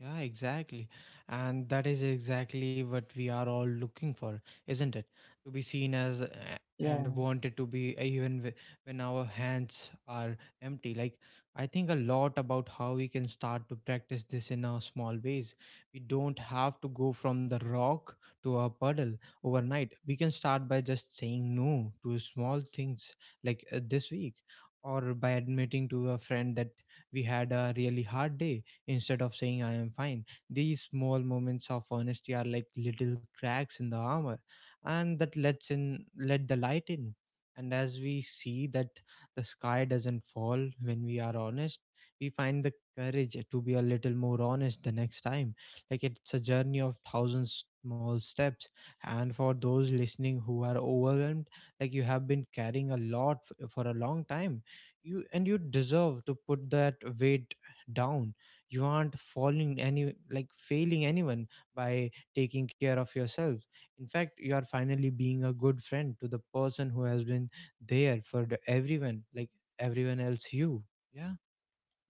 [SPEAKER 1] Yeah, exactly. And that is exactly what we are all looking for, isn't it? To be seen as and
[SPEAKER 2] yeah.
[SPEAKER 1] wanted to be even when our hands are empty. Like, I think a lot about how we can start to practice this in our small ways. We don't have to go from the rock to a puddle overnight. We can start by just saying no to small things like this week, or by admitting to a friend that we had a really hard day instead of saying I am fine. These small moments of honesty are like little cracks in the armor, and that lets in let the light in. And as we see that the sky doesn't fall when we are honest, we find the courage to be a little more honest the next time. Like it's a journey of thousands small steps. And for those listening who are overwhelmed, like you have been carrying a lot for a long time, you deserve to put that weight down. You aren't falling any like failing anyone by taking care of yourself. In fact, you are finally being a good friend to the person who has been there for everyone, like everyone else. You. Yeah.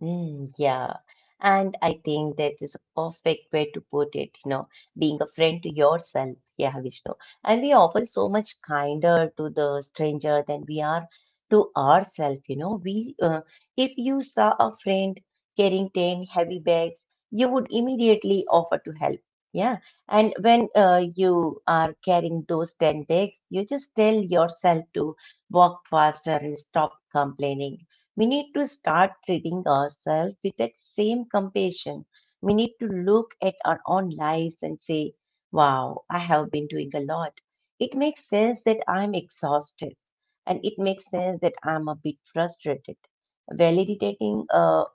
[SPEAKER 2] Mm, yeah. And I think that is a perfect way to put it, you know, being a friend to yourself. Yeah, Vishnu. And we are often so much kinder to the stranger than we are to ourselves, you know. If you saw a friend carrying 10 heavy bags, you would immediately offer to help. Yeah. And when you are carrying those 10 bags, you just tell yourself to walk faster and stop complaining. We need to start treating ourselves with that same compassion. We need to look at our own lives and say, wow, I have been doing a lot. It makes sense that I'm exhausted and it makes sense that I'm a bit frustrated. Validating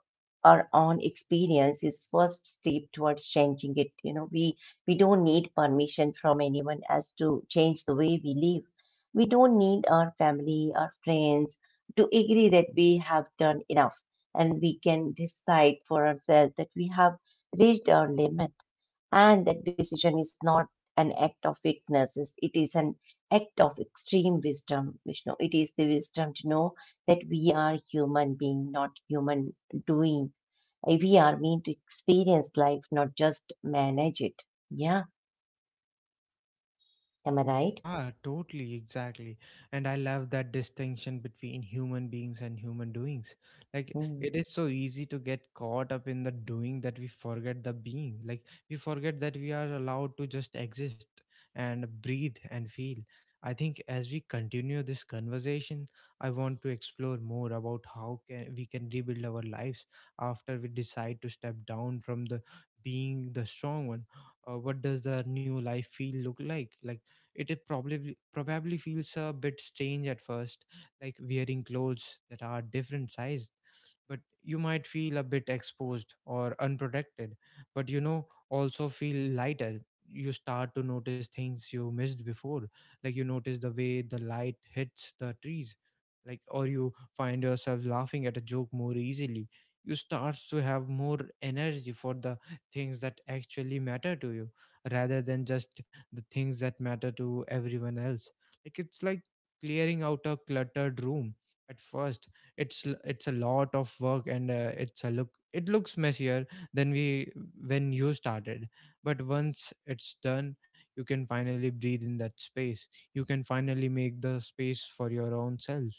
[SPEAKER 2] our own experience is first step towards changing it, you know. We don't need permission from anyone else to change the way we live. We don't need our family, our friends to agree that we have done enough, and we can decide for ourselves that we have reached our limit. And that decision is not an act of weakness, it is an act of extreme wisdom, Vishnu. It is the wisdom to know that we are human being, not human doing. We are meant to experience life, not just manage it. Yeah, am I right?
[SPEAKER 1] Yeah, totally, exactly. And I love that distinction between human beings and human doings. Like,
[SPEAKER 2] Hmm.
[SPEAKER 1] it is so easy to get caught up in the doing that we forget the being. Like, we forget that we are allowed to just exist and breathe and feel. I think as we continue this conversation, I want to explore more about how can we can rebuild our lives after we decide to step down from the being the strong one. What does the new life feel look like? Like it is probably feels a bit strange at first, like wearing clothes that are different size. But you might feel a bit exposed or unprotected, but you know, also feel lighter. You start to notice things you missed before. Like you notice the way the light hits the trees, like, or you find yourself laughing at a joke more easily. You start to have more energy for the things that actually matter to you rather than just the things that matter to everyone else. Like it's like clearing out a cluttered room. At first it's a lot of work and it's a looks messier than we when you started. But once it's done, you can finally breathe in that space. You can finally make the space for your own self.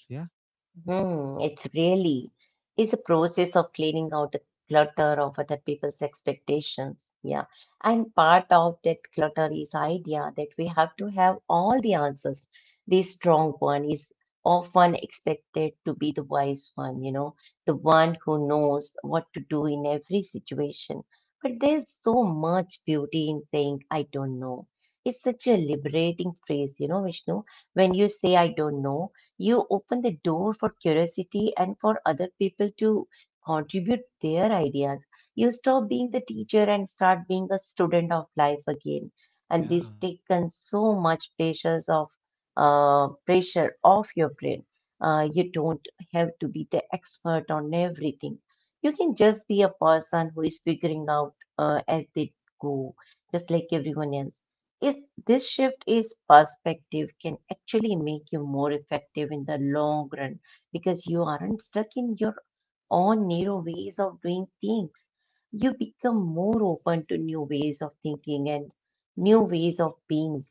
[SPEAKER 2] Hmm, it's really is a process of cleaning out the clutter of other people's expectations. Yeah. And part of that clutter is idea that we have to have all the answers. The strong one is often expected to be the wise one, you know, the one who knows what to do in every situation. But there's so much beauty in saying, I don't know. It's such a liberating phrase, you know, Vishnu. When you say, I don't know, you open the door for curiosity and for other people to contribute their ideas. You stop being the teacher and start being a student of life again. And
[SPEAKER 1] Yeah.
[SPEAKER 2] this taken so much pressures of pressure off your brain. You don't have to be the expert on everything. You can just be a person who is figuring out as they go, just like everyone else. If this shift is perspective can actually make you more effective in the long run because you aren't stuck in your own narrow ways of doing things. You become more open to new ways of thinking and new ways of being.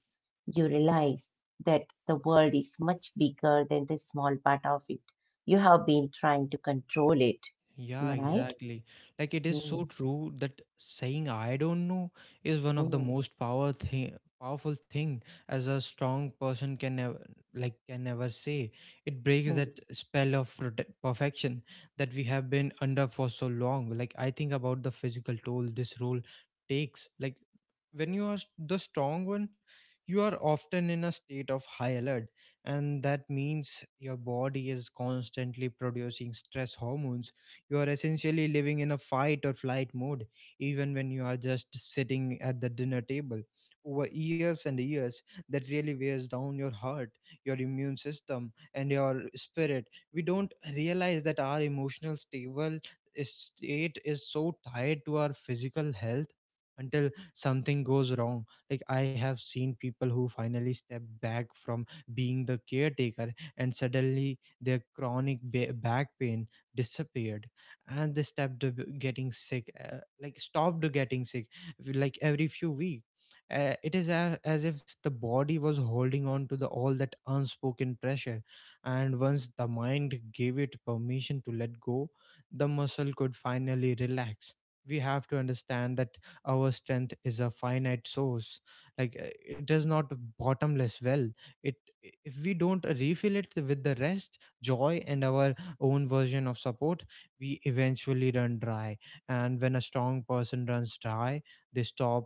[SPEAKER 2] You realize that the world is much bigger than the small part of it. You have been trying to control it.
[SPEAKER 1] Yeah,
[SPEAKER 2] Am I right? Right.
[SPEAKER 1] exactly. Like it is so
[SPEAKER 2] Mm,
[SPEAKER 1] true that saying I don't know is one of the
[SPEAKER 2] mm,
[SPEAKER 1] most powerful thing as a strong person can never, like can never say. It breaks that
[SPEAKER 2] mm.
[SPEAKER 1] spell of perfection that we have been under for so long. Like I think about the physical toll this role takes. Like when you are the strong one, you are often in a state of high alert, and that means your body is constantly producing stress hormones. You are essentially living in a fight or flight mode, even when you are just sitting at the dinner table. Over years and years, that really wears down your heart, your immune system, and your spirit. We don't realize that our emotional stable state is so tied to our physical health until something goes wrong. Like I have seen people who finally stepped back from being the caretaker, and suddenly their chronic back pain disappeared, and they stopped getting sick, stopped getting sick like every few weeks. Uh, it is as if the body was holding on to the all that unspoken pressure, and once the mind gave it permission to let go, the muscle could finally relax. We have to understand that our strength is a finite source. Like it is not a bottomless well. It, if we don't refill it with the rest joy and our own version of support, we eventually run dry. And when a strong person runs dry, they stop.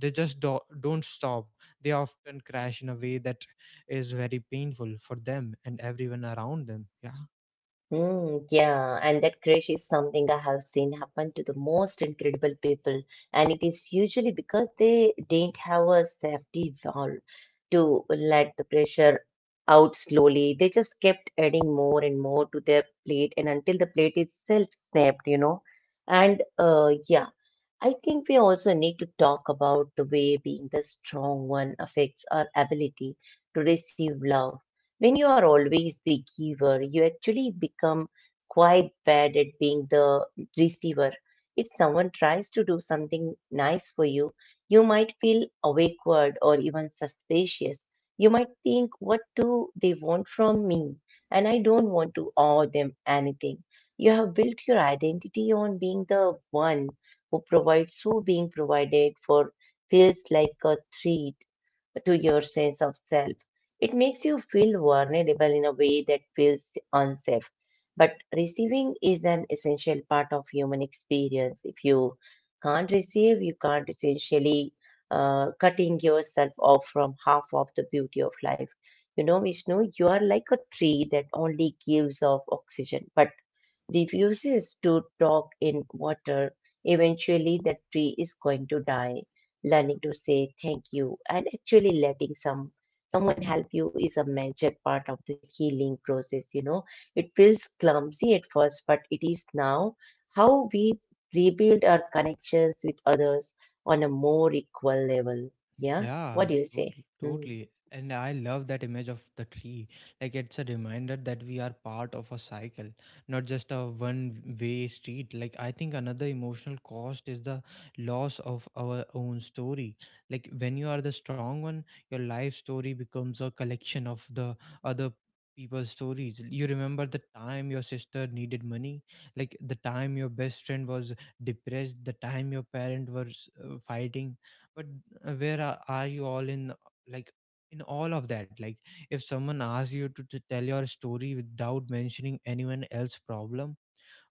[SPEAKER 1] They just don't stop. They often crash in a way that is very painful for them and everyone around them. Yeah.
[SPEAKER 2] Mm, yeah, and that crash is something I have seen happen to the most incredible people, and it is usually because they didn't have a safety valve to let the pressure out slowly. They just kept adding more and more to their plate, and until the plate itself snapped, you know. And yeah. I think we also need to talk about the way being the strong one affects our ability to receive love. When you are always the giver, you actually become quite bad at being the receiver. If someone tries to do something nice for you, you might feel awkward or even suspicious. You might think, what do they want from me? And I don't want to owe them anything. You have built your identity on being the one who provides? Who being provided for feels like a threat to your sense of self. It makes you feel vulnerable in a way that feels unsafe. But receiving is an essential part of human experience. If you can't receive, you can't essentially cutting yourself off from half of the beauty of life. You know, Vishnu, you are like a tree that only gives off oxygen, but refuses to talk in water, eventually the tree is going to die. Learning to say thank you and actually letting someone help you is a major part of the healing process, you know. It feels clumsy at first, but it is now how we rebuild our connections with others on a more equal level. Yeah. What
[SPEAKER 1] Yeah,
[SPEAKER 2] do you say?
[SPEAKER 1] totally,
[SPEAKER 2] Hmm.
[SPEAKER 1] totally. And I love that image of the tree. Like it's a reminder that we are part of a cycle, not just a one-way street. Like I think another emotional cost is the loss of our own story. Like when you are the strong one, your life story becomes a collection of the other people's stories. You remember the time your sister needed money, like the time your best friend was depressed, the time your parents were fighting. Where are you all in, like, in all of that? Like if someone asks you to tell your story without mentioning anyone else's problem,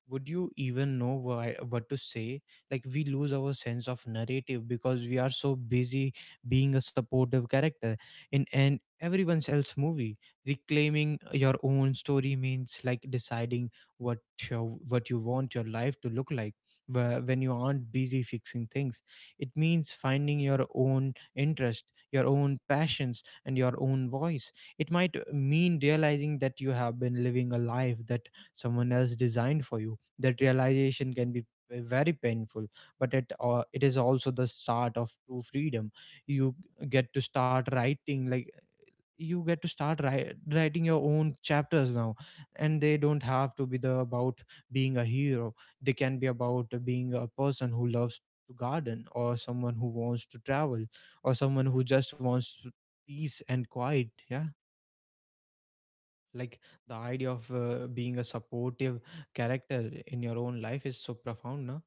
[SPEAKER 1] would you even know what to say? Like we lose our sense of narrative because we are so busy being a supportive character in an everyone else's movie. Reclaiming your own story means, like, deciding what what you want your life to look like, when you aren't busy fixing things. It means finding your own interest, your own passions, and your own voice. It might mean realizing that you have been living a life that someone else designed for you. That realization can be very painful, but it is also the start of true freedom. You get to start writing. Like you get to start writing your own chapters now. And they don't have to be the about being a hero. They can be about being a person who loves to garden, or someone who wants to travel, or someone who just wants to peace and quiet, yeah. Like the idea of being a supportive character in your own life is so profound. No,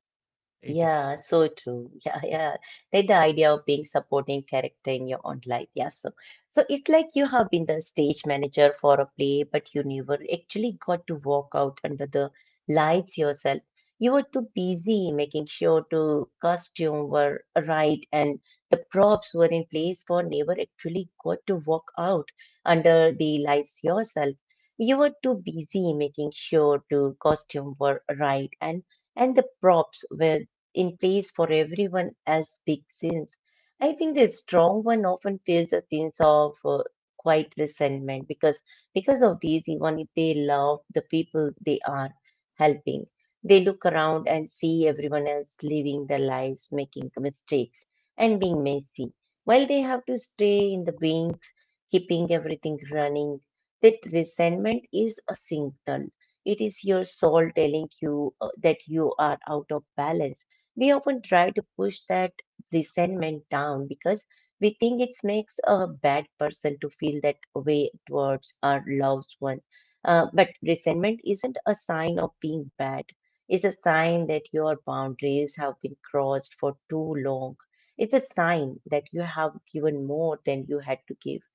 [SPEAKER 1] it
[SPEAKER 2] Yeah, so true. (laughs) Yeah,
[SPEAKER 1] it
[SPEAKER 2] yeah. Like the idea of being supporting character in your own life. Yeah, so so it's like you have been the stage manager for a play, but you never actually got to walk out under the lights yourself. You were too busy making sure to costume were right and the props were in place for never actually got to walk out under the lights yourself. You were too busy making sure to costume were right and the props were in place for everyone else big sins. I think the strong one often feels a sense of quiet resentment because of these, even if they love the people they are helping, they look around and see everyone else living their lives, making mistakes and being messy. While they have to stay in the wings, keeping everything running, that resentment is a signal. It is your soul telling you that you are out of balance. We often try to push that resentment down because we think it makes a bad person to feel that way towards our loved one. But resentment isn't a sign of being bad. It's a sign that your boundaries have been crossed for too long. It's a sign that you have given more than you had to give.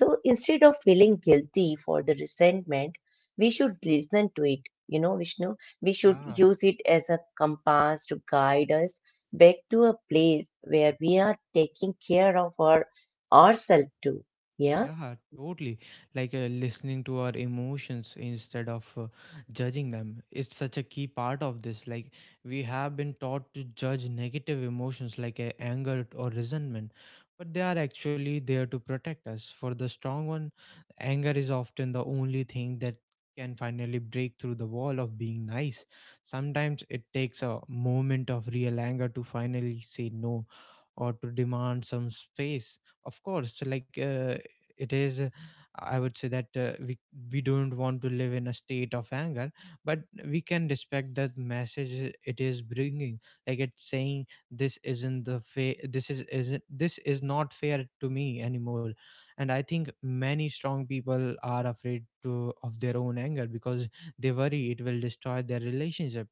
[SPEAKER 2] So instead of feeling guilty for the resentment, we should listen to it. You know, Vishnu, we should
[SPEAKER 1] yeah.
[SPEAKER 2] use it as a compass to guide us back to a place where we are taking care of ourselves too. Yeah,
[SPEAKER 1] Yeah, totally. Like listening to our emotions instead of judging them. It's such a key part of this. Like, we have been taught to judge negative emotions like anger or resentment, but they are actually there to protect us. For the strong one, anger is often the only thing that can finally break through the wall of being nice. Sometimes it takes a moment of real anger to finally say no, or to demand some space. Of course, like it is I would say that we don't want to live in a state of anger, but we can respect the message it is bringing. Like it's saying this isn't the fair, this is isn't this is not fair to me anymore. And I think many strong people are afraid to of their own anger because they worry it will destroy their relationship.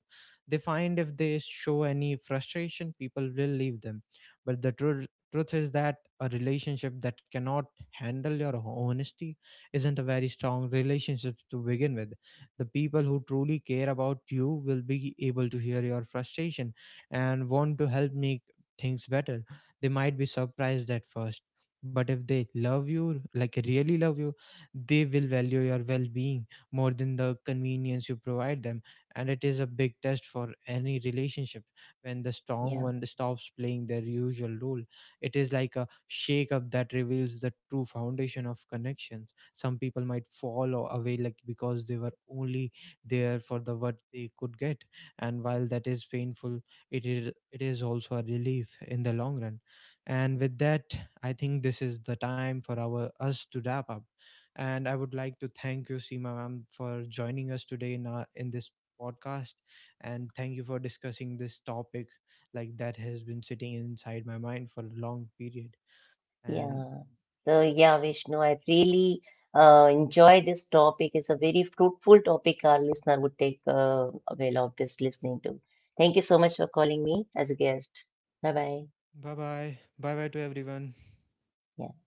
[SPEAKER 1] They find if they show any frustration, people will leave them. But the truth is that a relationship that cannot handle your honesty isn't a very strong relationship to begin with. The people who truly care about you will be able to hear your frustration and want to help make things better. They might be surprised at first, but if they love you, like really love you, they will value your well being more than the convenience you provide them. And it is a big test for any relationship when the strong
[SPEAKER 2] yeah,
[SPEAKER 1] one stops playing their usual role. It is like a shake up that reveals the true foundation of connections. Some people might fall away, like, because they were only there for the what they could get, and while that is painful, it is also a relief in the long run. And with that, I think this is the time for our us to wrap up. And I would like to thank you, Seema ma'am, for joining us today in in this podcast, and thank you for discussing this topic like that has been sitting inside my mind for a long period and
[SPEAKER 2] yeah. So yeah, Vishnu, I really enjoy this topic. It's a very fruitful topic. Our listener would take avail of this listening to. Thank you so much for calling me as a guest. Bye bye.
[SPEAKER 1] bye bye. Bye bye to everyone.
[SPEAKER 2] Yeah.